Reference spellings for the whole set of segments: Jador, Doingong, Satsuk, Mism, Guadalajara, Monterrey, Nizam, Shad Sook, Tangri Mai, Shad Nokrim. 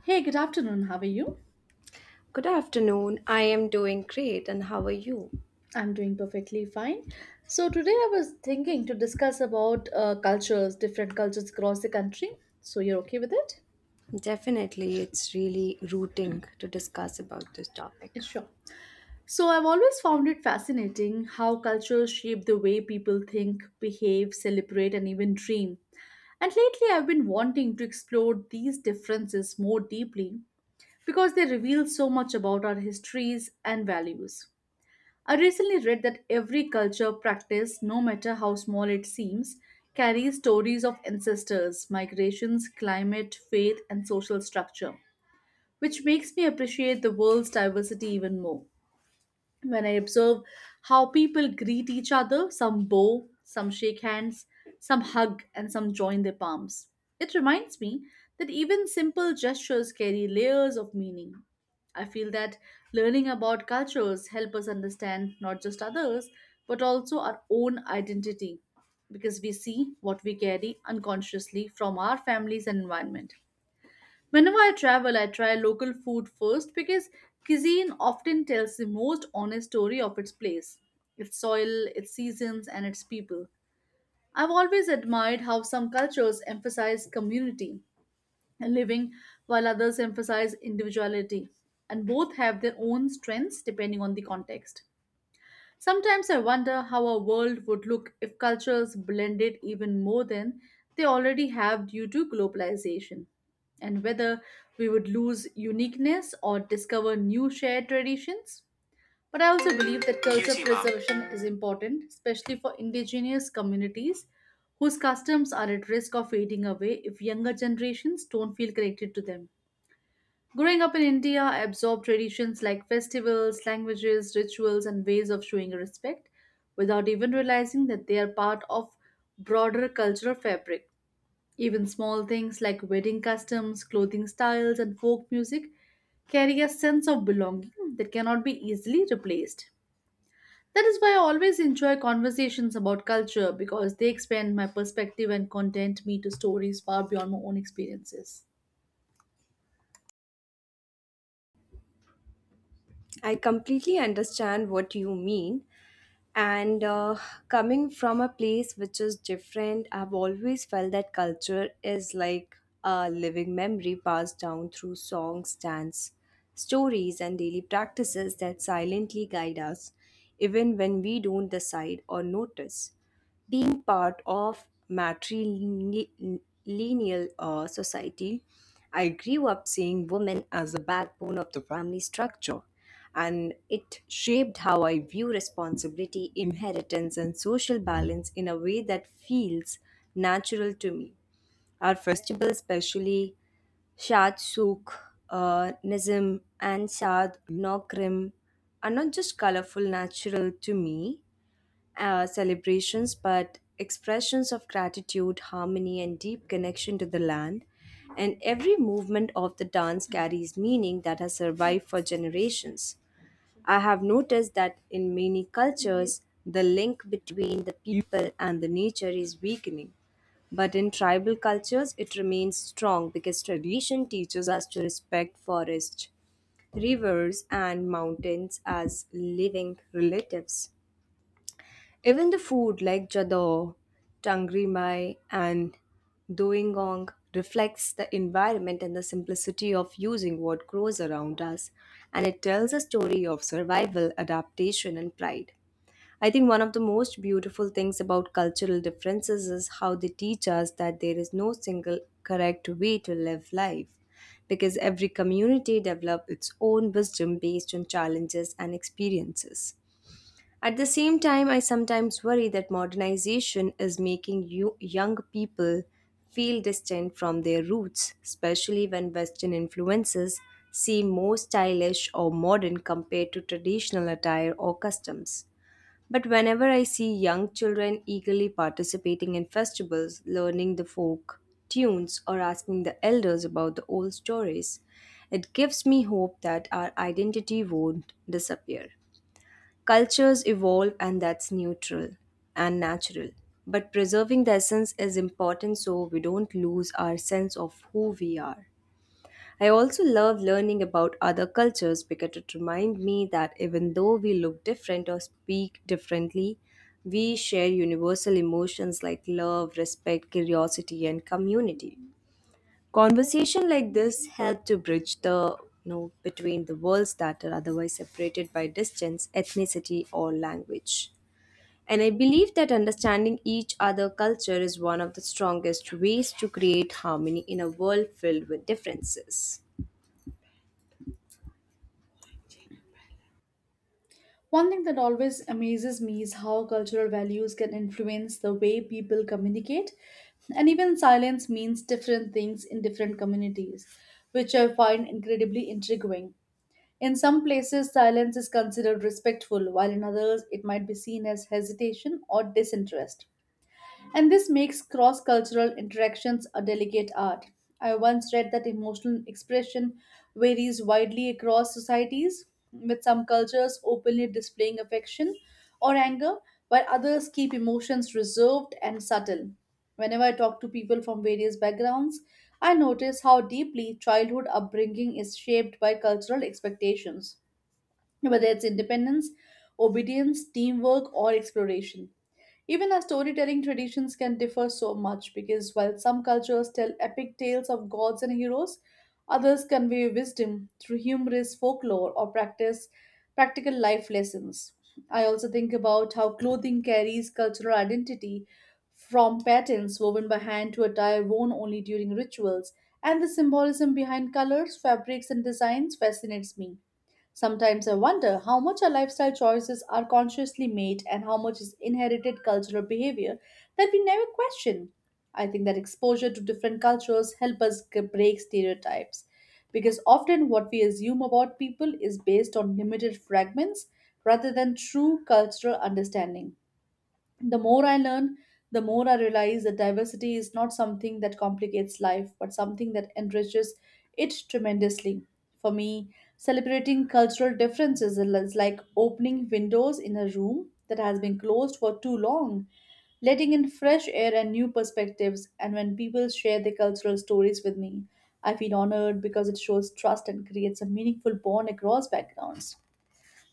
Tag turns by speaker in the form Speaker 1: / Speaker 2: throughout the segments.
Speaker 1: Hey, good afternoon. How are you?
Speaker 2: Good afternoon. I am doing great, and how are you?
Speaker 1: I'm doing perfectly fine. So today I was thinking to discuss about cultures, different cultures across the country. So you're okay with it?
Speaker 2: Definitely, it's really rooting to discuss about this topic.
Speaker 1: Yeah, sure. So I've always found it fascinating how cultures shape the way people think, behave, celebrate, and even dream. And lately I've been wanting to explore these differences more deeply because they reveal so much about our histories and values. I recently read that every culture practice, no matter how small it seems, carries stories of ancestors, migrations, climate, faith, and social structure, which makes me appreciate the world's diversity even more when I observe how people greet each other. Some bow, some shake hands, some hug, and some join their palms. It reminds me that even simple gestures carry layers of meaning. I feel that learning about cultures help us understand not just others but also our own identity because we see what we carry unconsciously from our families and environment. Whenever I travel, I try local food first because cuisine often tells the most honest story of its place, its soil, its seasons, and its people. I've always admired how some cultures emphasize community and living while others emphasize individuality, and both have their own strengths depending on the context. Sometimes I wonder how our world would look if cultures blended even more than they already have due to globalization, and whether we would lose uniqueness or discover new shared traditions. But I also believe that culture yes, preservation is important, especially for indigenous communities whose customs are at risk of fading away if younger generations don't feel connected to them. Growing up in India, I absorbed traditions like festivals, languages, rituals, and ways of showing respect without even realizing that they are part of broader cultural fabric. Even small things like wedding customs, clothing styles, and folk music carry a sense of belonging that cannot be easily replaced. That is why I always enjoy conversations about culture because they expand my perspective and content me to stories far beyond my own experiences.
Speaker 2: I completely understand what you mean and coming from a place which is different I've always felt that culture is like a living memory passed down through songs dance stories and daily practices that silently guide us even when we don't decide or notice being part of matrilineal society, I grew up seeing women as the backbone of the family structure, and it shaped how I view responsibility, inheritance, and social balance in a way that feels natural to me. Our festival, especially Shad Sook, Nizam, and Shad Nokrim, are not just colorful, natural to me celebrations, but expressions of gratitude, harmony, and deep connection to the land. And every movement of the dance carries meaning that has survived for generations. I have noticed that in many cultures, the link between the people and the nature is weakening. But in tribal cultures, it remains strong because tradition teaches us to respect forests, rivers, and mountains as living relatives. Even the food like Jador, Tangri Mai, and Doingong reflects the environment and the simplicity of using what grows around us, and it tells a story of survival, adaptation, and pride. I think one of the most beautiful things about cultural differences is how they teach us that there is no single correct way to live life because every community develops its own wisdom based on challenges and experiences. At the same time, I sometimes worry that modernization is making you, young people feel distant from their roots, especially when Western influences seem more stylish or modern compared to traditional attire or customs. But whenever I see young children eagerly participating in festivals, learning the folk tunes, or asking the elders about the old stories, it gives me hope that our identity won't disappear. Cultures evolve, and that's neutral and natural. But preserving the essence is important so we don't lose our sense of who we are. I also love learning about other cultures because it reminds me that even though we look different or speak differently, we share universal emotions like love, respect, curiosity, and community. Conversation like this help to bridge the between the worlds that are otherwise separated by distance, ethnicity, or language. And I believe that understanding each other culture is one of the strongest ways to create harmony in a world filled with differences.
Speaker 1: One thing that always amazes me is how cultural values can influence the way people communicate, and even silence means different things in different communities, which I find incredibly intriguing. In some places, silence is considered respectful, while in others, it might be seen as hesitation or disinterest. And this makes cross cultural interactions a delicate art. I once read that emotional expression varies widely across societies, with some cultures openly displaying affection or anger, while others keep emotions reserved and subtle. Whenever I talk to people from various backgrounds, I notice how deeply childhood upbringing is shaped by cultural expectations, whether it's independence, obedience, teamwork, or exploration. Even our storytelling traditions can differ so much because while some cultures tell epic tales of gods and heroes, others convey wisdom through humorous folklore or practice practical life lessons. I also think about how clothing carries cultural identity from patterns woven by hand to attire worn only during rituals, and the symbolism behind colors, fabrics, and designs fascinates me. Sometimes I wonder how much our lifestyle choices are consciously made and how much is inherited cultural behavior that we never question. I think that exposure to different cultures help us break stereotypes because often what we assume about people is based on limited fragments rather than true cultural understanding. The more I learn, the more I realize that diversity is not something that complicates life, but something that enriches it tremendously. For me, celebrating cultural differences is like opening windows in a room that has been closed for too long, letting in fresh air and new perspectives. And when people share their cultural stories with me, I feel honored because it shows trust and creates a meaningful bond across backgrounds.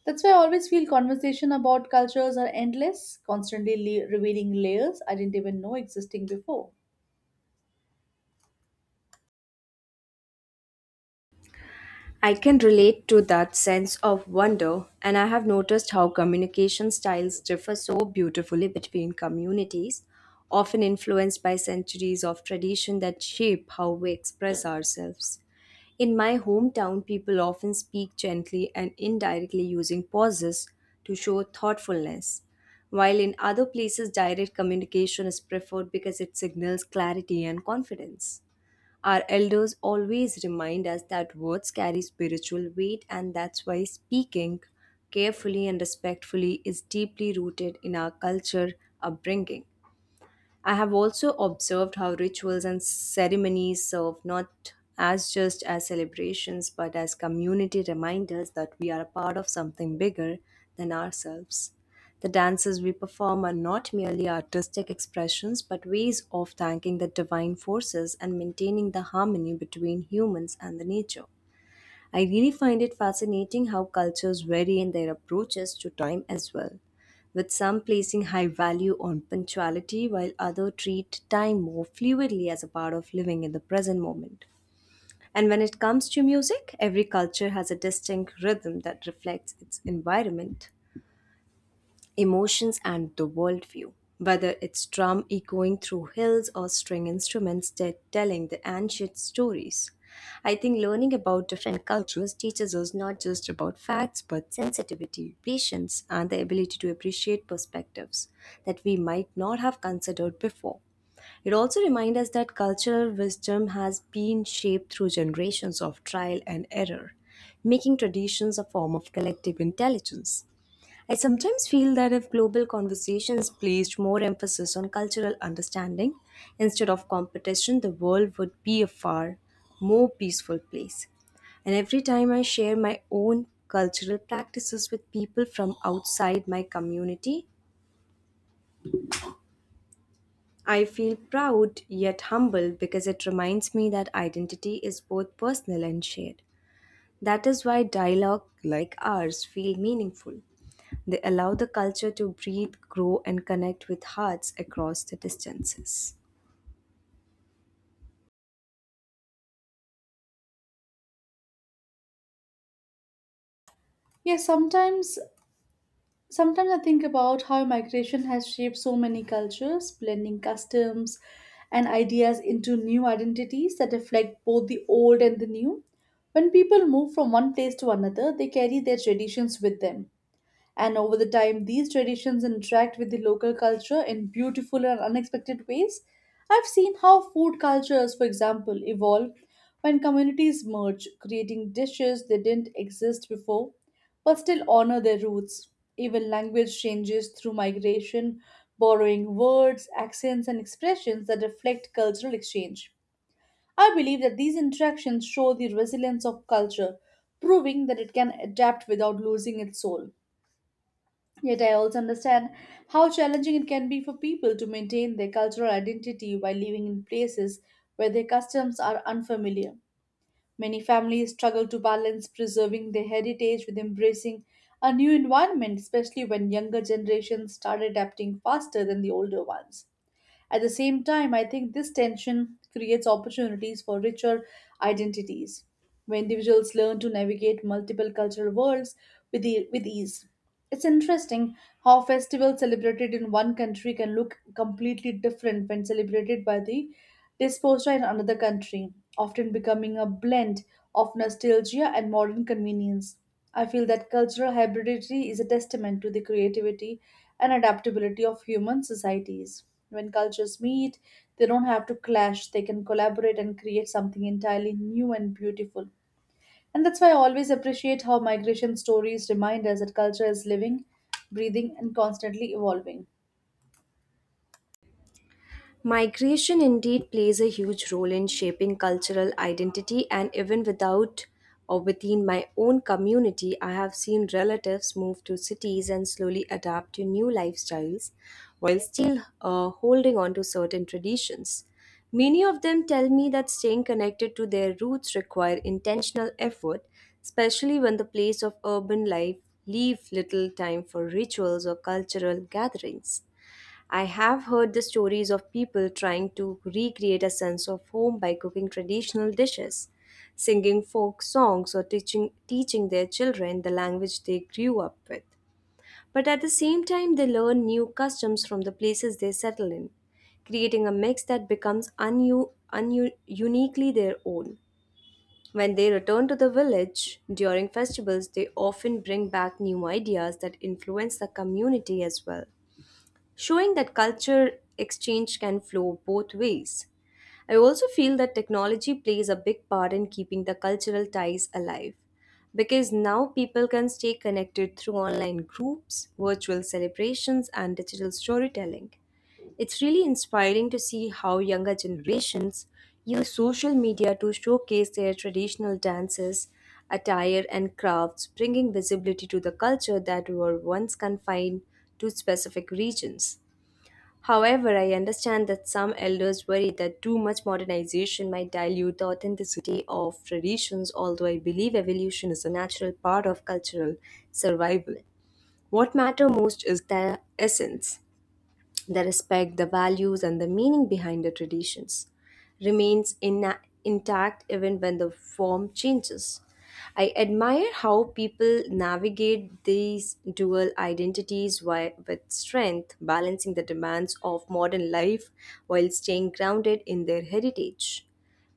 Speaker 1: That's why I always feel conversation about cultures are endless, constantly revealing layers I didn't even know existing before.
Speaker 2: I can relate to that sense of wonder, and I have noticed how communication styles differ so beautifully between communities, often influenced by centuries of tradition that shape how we express ourselves. In my hometown, people often speak gently and indirectly using pauses to show thoughtfulness, while in other places, direct communication is preferred because it signals clarity and confidence. Our elders always remind us that words carry spiritual weight, and that's why speaking carefully and respectfully is deeply rooted in our culture upbringing. I have also observed how rituals and ceremonies serve not as just as celebrations but as community reminders that we are a part of something bigger than ourselves. The dances we perform are not merely artistic expressions but ways of thanking the divine forces and maintaining the harmony between humans and the nature. I really find it fascinating how cultures vary in their approaches to time as well, with some placing high value on punctuality while others treat time more fluidly as a part of living in the present moment. And when it comes to music, every culture has a distinct rhythm that reflects its environment emotions, and the worldview. Whether it's drum echoing through hills or string instruments that telling the ancient stories. I think learning about different cultures teaches us not just about facts but sensitivity, patience, and the ability to appreciate perspectives that we might not have considered before. It also reminds us that cultural wisdom has been shaped through generations of trial and error, making traditions a form of collective intelligence. I sometimes feel that if global conversations placed more emphasis on cultural understanding instead of competition, the world would be a far more peaceful place. And every time I share my own cultural practices with people from outside my community, I feel proud yet humble because it reminds me that identity is both personal and shared. That is why dialogue like ours feel meaningful. They allow the culture to breathe, grow, and connect with hearts across the distances.
Speaker 1: Yes, sometimes I think about how migration has shaped so many cultures, blending customs and ideas into new identities that reflect both the old and the new. When people move from one place to another, they carry their traditions with them, and over the time, these traditions interact with the local culture in beautiful and unexpected ways. I've seen how food cultures, for example, evolve when communities merge, creating dishes that didn't exist before but still honor their roots. Even language changes through migration, borrowing words, accents, and expressions that reflect cultural exchange. I believe that these interactions show the resilience of culture, proving that it can adapt without losing its soul. Yet I also understand how challenging it can be for people to maintain their cultural identity while living in places where their customs are unfamiliar. Many families struggle to balance preserving their heritage with embracing a new environment, especially when younger generations start adapting faster than the older ones. At the same time, I think this tension creates opportunities for richer identities, where individuals learn to navigate multiple cultural worlds with ease. It's interesting how festivals celebrated in one country can look completely different when celebrated by the disposer in another country, often becoming a blend of nostalgia and modern convenience. I feel that cultural hybridity is a testament to the creativity and adaptability of human societies. When cultures meet, they don't have to clash, they can collaborate and create something entirely new and beautiful. And that's why I always appreciate how migration stories remind us that culture is living, breathing, and constantly evolving.
Speaker 2: Migration indeed plays a huge role in shaping cultural identity, and even without or within my own community, I have seen relatives move to cities and slowly adapt to new lifestyles while still holding on to certain traditions. Many of them tell me that staying connected to their roots require intentional effort, especially when the place of urban life leave little time for rituals or cultural gatherings. I have heard the stories of people trying to recreate a sense of home by cooking traditional dishes, singing folk songs, or teaching their children the language they grew up with. But at the same time, they learn new customs from the places they settle in, creating a mix that becomes uniquely their own. When they return to the village during festivals, they often bring back new ideas that influence the community as well showing that culture exchange can flow both ways. I also feel that technology plays a big part in keeping the cultural ties alive because now people can stay connected through online groups, virtual celebrations, and digital storytelling. It's really inspiring to see how younger generations use social media to showcase their traditional dances, attire, and crafts, bringing visibility to the culture that were once confined to specific regions. However, I understand that some elders worry that too much modernization might dilute the authenticity of traditions, although I believe evolution is a natural part of cultural survival. What matters most is their essence the respect, the values, and the meaning behind the traditions remains ina intact even when the form changes. I admire how people navigate these dual identities with strength, balancing the demands of modern life while staying grounded in their heritage.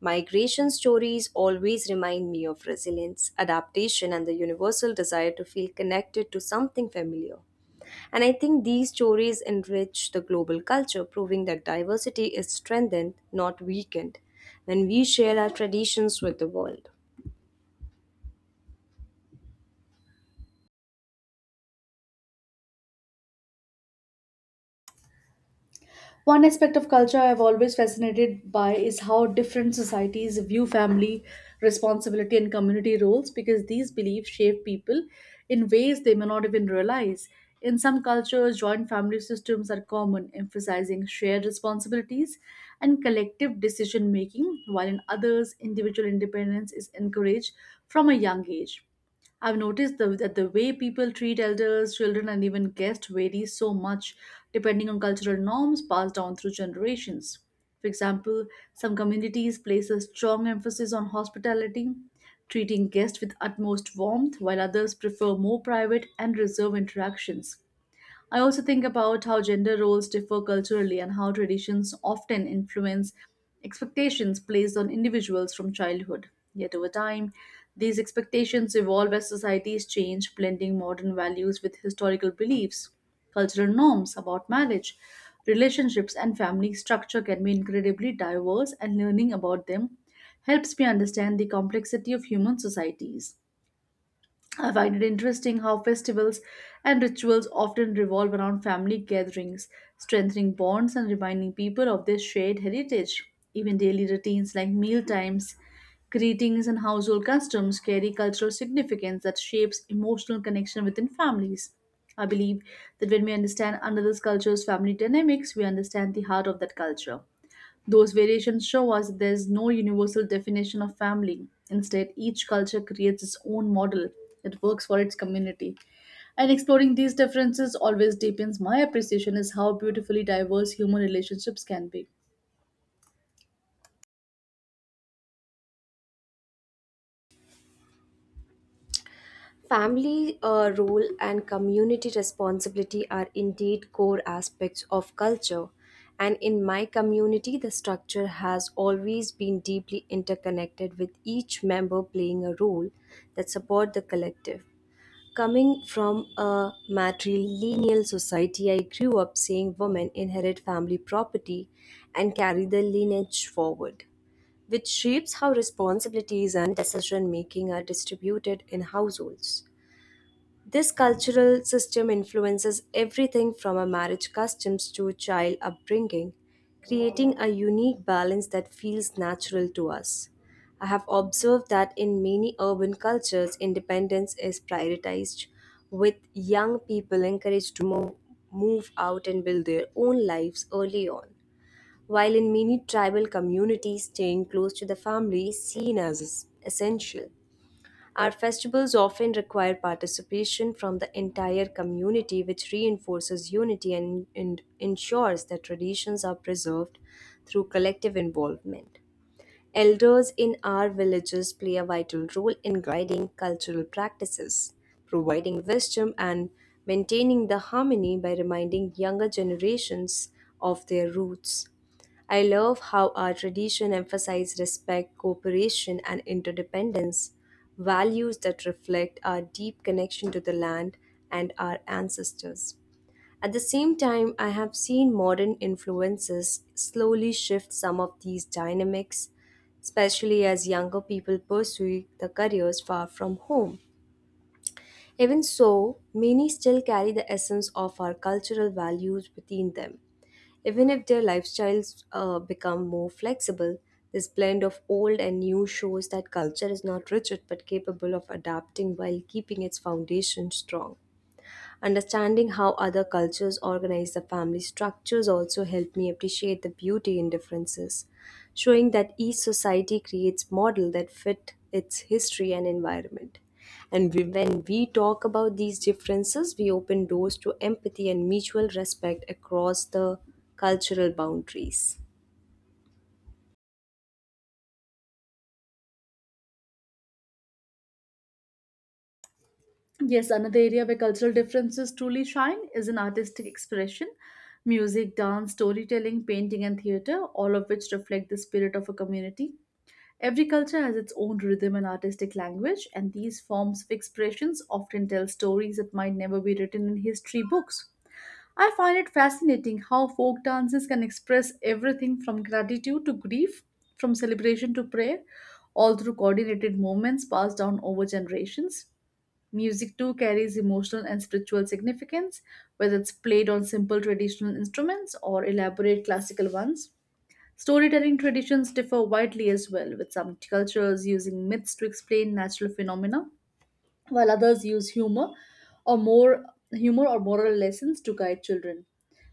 Speaker 2: Migration stories always remind me of resilience, adaptation, and the universal desire to feel connected to something familiar. And I think these stories enrich the global culture, proving that diversity is strengthened, not weakened, when we share our traditions with the world.
Speaker 1: One aspect of culture I've always fascinated by is how different societies view family responsibility and community roles because these beliefs shape people in ways they may not even realize. In some cultures, joint family systems are common, emphasizing shared responsibilities and collective decision making, while in others, individual independence is encouraged from a young age. I've that the way people treat elders, children, and even guests varies so much depending on cultural norms passed down through generations. For example, some communities place a strong emphasis on hospitality, treating guests with utmost warmth, while others prefer more private and reserved interactions. I also think about how gender roles differ culturally and how traditions often influence expectations placed on individuals from childhood. Yet over time, these expectations evolve as societies change, blending modern values with historical beliefs. Cultural norms about marriage, relationships, and family structure can be incredibly diverse, and learning about them helps me understand the complexity of human societies. I find it interesting how festivals and rituals often revolve around family gatherings, strengthening bonds and reminding people of their shared heritage. Even daily routines like meal times, greetings, and household customs carry cultural significance that shapes emotional connection within families. I believe that when we understand another's culture's family dynamics, we understand the heart of that culture. Those variations show us there's no universal definition of family. Instead, each culture creates its own model that works for its community. And exploring these differences always deepens my appreciation is how beautifully diverse human relationships can be.
Speaker 2: Family role and community responsibility are indeed core aspects of culture. And in my community, the structure has always been deeply interconnected with each member playing a role that support the collective. Coming from a matrilineal society, I grew up seeing women inherit family property and carry the lineage forward, which shapes how responsibilities and decision making are distributed in households. This cultural system influences everything from our marriage customs to child upbringing, creating a unique balance that feels natural to us. I have observed that in many urban cultures, independence is prioritized, with young people encouraged to move out and build their own lives early on. While in many tribal communities, staying close to the family is seen as essential. Our festivals often require participation from the entire community, which reinforces unity and ensures that traditions are preserved through collective involvement. Elders in our villages play a vital role in guiding cultural practices, providing wisdom, and maintaining the harmony by reminding younger generations of their roots. I love how our tradition emphasizes respect, cooperation, and interdependence, values that reflect our deep connection to the land and our ancestors. At the same time, I have seen modern influences slowly shift some of these dynamics, especially as younger people pursue the careers far from home. Even so, many still carry the essence of our cultural values within them. Even if their lifestyles become more flexible, this blend of old and new shows that culture is not rigid but capable of adapting while keeping its foundation strong. Understanding how other cultures organize the family structures also helped me appreciate the beauty in differences, showing that each society creates models that fit its history and environment. And when we talk about these differences, we open doors to empathy and mutual respect across the cultural boundaries.
Speaker 1: Yes, another area where cultural differences truly shine is in artistic expression. Music, dance, storytelling, painting, and theater, all of which reflect the spirit of a community. Every culture has its own rhythm and artistic language, and these forms of expressions often tell stories that might never be written in history books. I find it fascinating how folk dances can express everything from gratitude to grief, from celebration to prayer, all through coordinated movements passed down over generations. Music too carries emotional and spiritual significance, whether it's played on simple traditional instruments or elaborate classical ones. Storytelling traditions differ widely as well, with some cultures using myths to explain natural phenomena, while others use or more humor or moral lessons to guide children.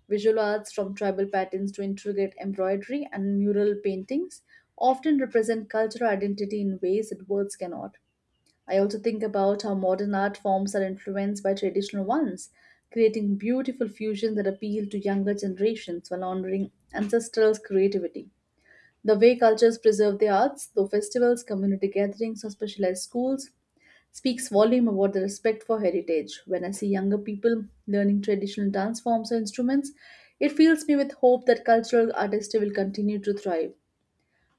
Speaker 1: Visual arts from tribal patterns to intricate embroidery and mural paintings often represent cultural identity in ways that words cannot. I also think about how modern art forms are influenced by traditional ones, creating beautiful fusions that appeal to younger generations while honoring ancestral creativity. The way cultures preserve their arts, through festivals, community gatherings, or specialized schools, speaks volume about the respect for heritage. When I see younger people learning traditional dance forms or instruments, it fills me with hope that cultural artistry will continue to thrive.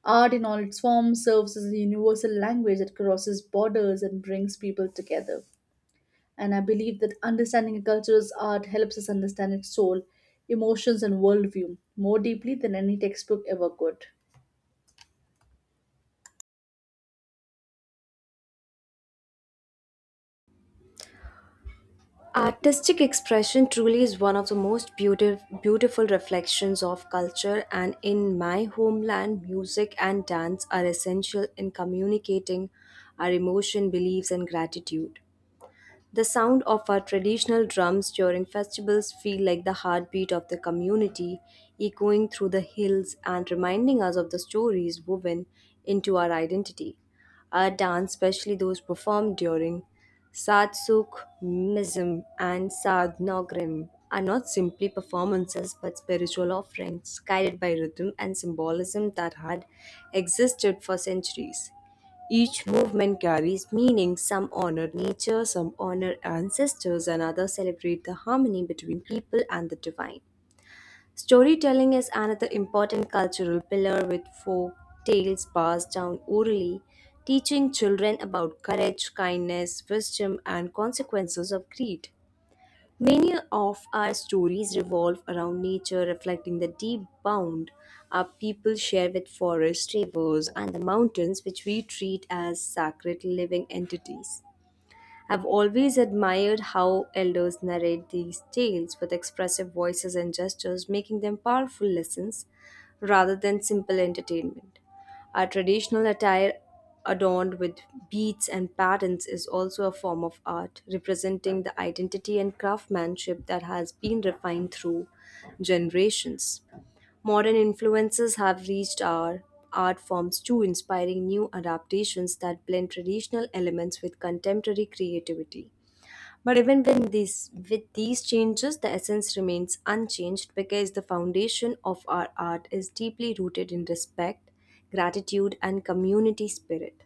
Speaker 1: Art in all its forms serves as a universal language that crosses borders and brings people together. And I believe that understanding a culture's art helps us understand its soul, emotions, and worldview more deeply than any textbook ever could.
Speaker 2: Artistic expression truly is one of the most beautiful reflections of culture, and in my homeland, music and dance are essential in communicating our emotion, beliefs, and gratitude. The sound of our traditional drums during festivals feel like the heartbeat of the community, echoing through the hills and reminding us of the stories woven into our identity. Our dance, especially those performed during Satsuk, Mism, and Sad Nogrim, are not simply performances but spiritual offerings guided by rhythm and symbolism that had existed for centuries. Each movement carries meaning; some honor nature, some honor ancestors, and others celebrate the harmony between people and the divine. Storytelling is another important cultural pillar with folk tales passed down orally, teaching children about courage, kindness, wisdom, and consequences of greed. Many of our stories revolve around nature, reflecting the deep bond our people share with forests, rivers, and the mountains, which we treat as sacred living entities. I've always admired how elders narrate these tales with expressive voices and gestures, making them powerful lessons rather than simple entertainment. Our traditional attire, adorned with beads and patterns, is also a form of art, representing the identity and craftsmanship that has been refined through generations. Modern influences have reached our art forms too, inspiring new adaptations that blend traditional elements with contemporary creativity. But even when with these changes, the essence remains unchanged because the foundation of our art is deeply rooted in respect, gratitude, and community spirit.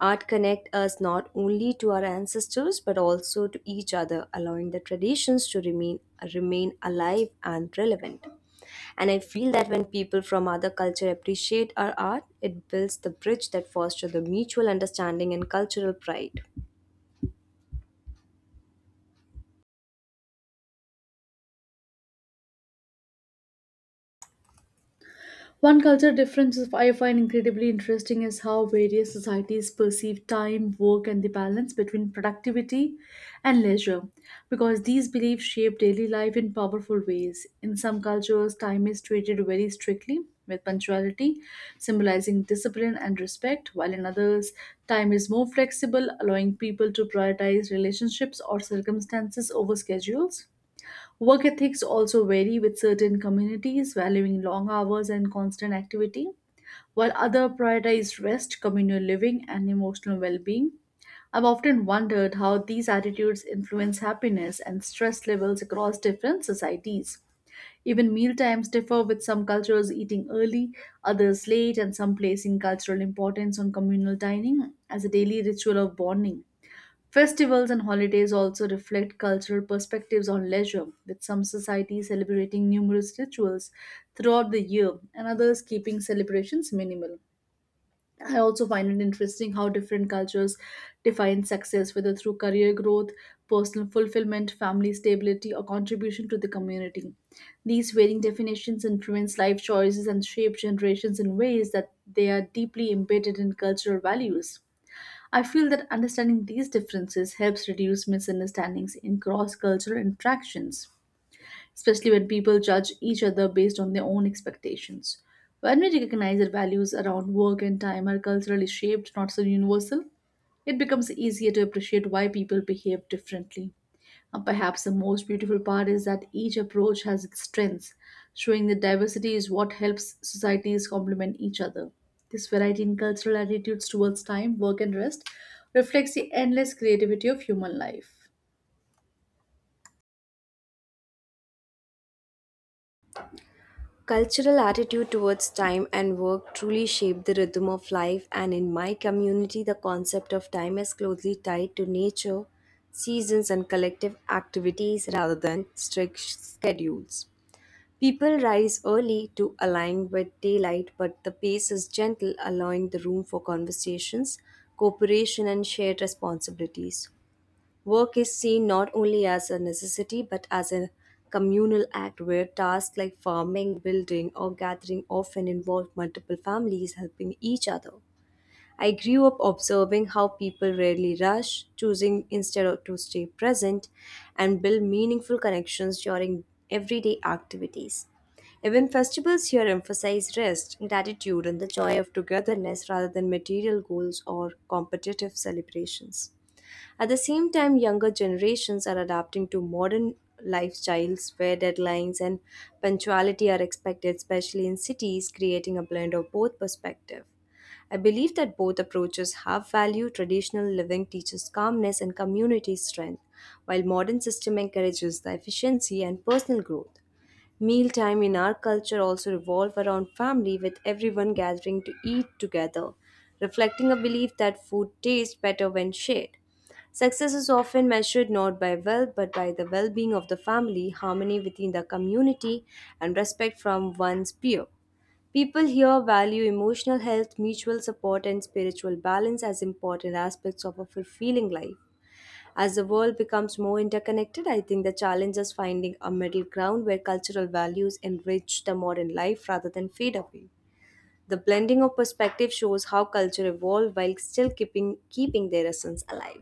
Speaker 2: Art connect us not only to our ancestors but also to each other, allowing the traditions to remain alive and relevant. And I feel that when people from other culture appreciate our art, it builds the bridge that fosters the mutual understanding and cultural pride.
Speaker 1: One cultural difference is- I find incredibly interesting is how various societies perceive time, work, and the balance between productivity and leisure, because these beliefs shape daily life in powerful ways. In some cultures, time is treated very strictly, with punctuality symbolizing discipline and respect, while in others, time is more flexible, allowing people to prioritize relationships or circumstances over schedules. Work ethics also vary with certain communities valuing long hours and constant activity, while others prioritize rest, communal living, and emotional well being. I've often wondered how these attitudes influence happiness and stress levels across different societies. Even meal times differ, with some cultures eating early, others late, and some placing cultural importance on communal dining as a daily ritual of bonding. Festivals and holidays also reflect cultural perspectives on leisure, with some societies celebrating numerous rituals throughout the year and others keeping celebrations minimal. I also find it interesting how different cultures define success, whether through career growth, personal fulfillment, family stability, or contribution to the community. These varying definitions influence life choices and shape generations in ways that they are deeply embedded in cultural values. I feel that understanding these differences helps reduce misunderstandings in cross cultural interactions, especially when people judge each other based on their own expectations. When we recognize that values around work and time are culturally shaped, not so universal, it becomes easier to appreciate why people behave differently. Perhaps the most beautiful part is that each approach has its strengths, showing that diversity is what helps societies complement each other. This variety in cultural attitudes towards time, work, and rest reflects the endless creativity of human life.
Speaker 2: Cultural attitude towards time and work truly shape the rhythm of life, and in my community, the concept of time is closely tied to nature, seasons, and collective activities rather than strict schedules. People rise early to align with daylight, but the pace is gentle, allowing the room for conversations, cooperation, and shared responsibilities. Work is seen not only as a necessity but as a communal act where tasks like farming, building, or gathering often involve multiple families helping each other. I grew up observing how people rarely rush, choosing instead of to stay present and build meaningful connections during everyday activities. Even festivals here emphasize rest, gratitude, and the joy of togetherness rather than material goals or competitive celebrations. At the same time, younger generations are adapting to modern lifestyles where deadlines and punctuality are expected, especially in cities, creating a blend of both perspectives. I believe that both approaches have value. Traditional living teaches calmness and community strength, while modern system encourages the efficiency and personal growth. Mealtime in our culture also revolve around family with everyone gathering to eat together, reflecting a belief that food tastes better when shared. Success is often measured not by wealth but by the well-being of the family, harmony within the community, and respect from one's peer. People here value emotional health, mutual support, and spiritual balance as important aspects of a fulfilling life. As the world becomes more interconnected, I think the challenge is finding a middle ground where cultural values enrich the modern life rather than fade away. The blending of perspective shows how culture evolved while still keeping their essence alive.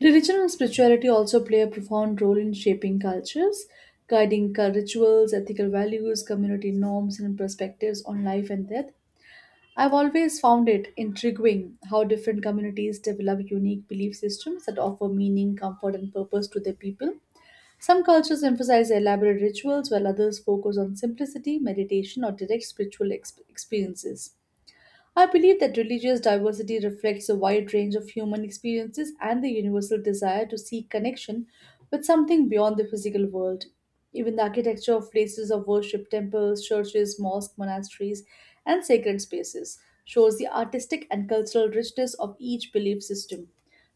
Speaker 1: Religion and spirituality also play a profound role in shaping cultures, guiding rituals, ethical values, community norms, and perspectives on life and death. I've always found it intriguing how different communities develop unique belief systems that offer meaning, comfort, and purpose to their people. Some cultures emphasize elaborate rituals, while others focus on simplicity, meditation, or direct spiritual experiences. I believe that religious diversity reflects a wide range of human experiences and the universal desire to seek connection with something beyond the physical world. Even the architecture of places of worship, temples, churches, mosques, monasteries, and sacred spaces shows the artistic and cultural richness of each belief system.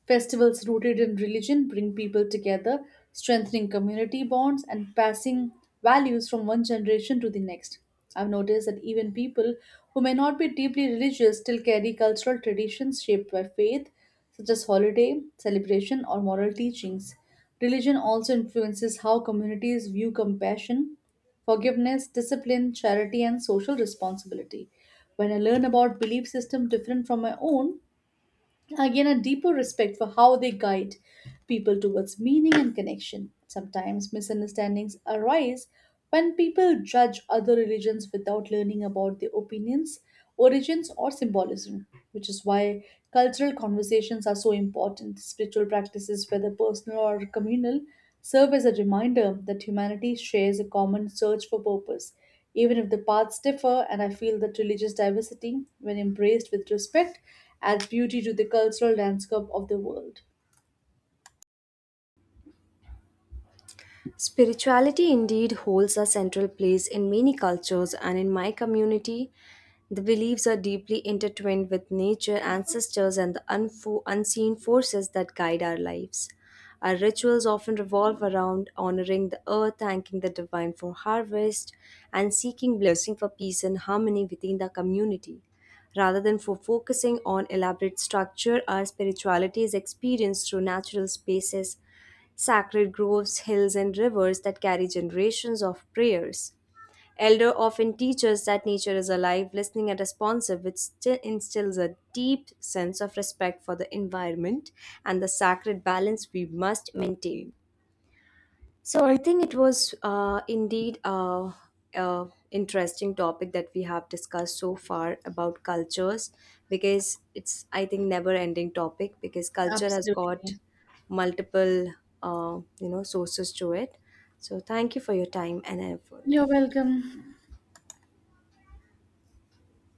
Speaker 1: Festivals rooted in religion bring people together, strengthening community bonds and passing values from one generation to the next. I've noticed that even people who may not be deeply religious still carry cultural traditions shaped by faith, such as holiday, celebration, or moral teachings. Religion also influences how communities view compassion, forgiveness, discipline, charity, and social responsibility. When I learn about belief system different from my own, again a deeper respect for how they guide people towards meaning and connection. Sometimes misunderstandings arise when people judge other religions without learning about their opinions, origins, or symbolism, which is why cultural conversations are so important. Spiritual practices, whether personal or communal, serve as a reminder that humanity shares a common search for purpose even if the paths differ, and I feel that religious diversity, when embraced with respect, adds beauty to the cultural landscape of the world.
Speaker 2: Spirituality indeed holds a central place in many cultures, and in my community, the beliefs are deeply intertwined with nature, ancestors, and the unseen forces that guide our lives. Our rituals often revolve around honoring the earth, thanking the divine for harvest, and seeking blessing for peace and harmony within the community. Rather than for focusing on elaborate structure, our spirituality is experienced through natural spaces sacred groves, hills, and rivers that carry generations of prayers. Elder often teach us that nature is alive, listening, and responsive, which still instills a deep sense of respect for the environment and the sacred balance we must maintain. So I think it was indeed a interesting topic that we have discussed so far about cultures because it's I think never ending topic because culture has got
Speaker 1: Absolutely.
Speaker 2: multiple sources to it. So thank you for your time and effort.
Speaker 1: You're welcome.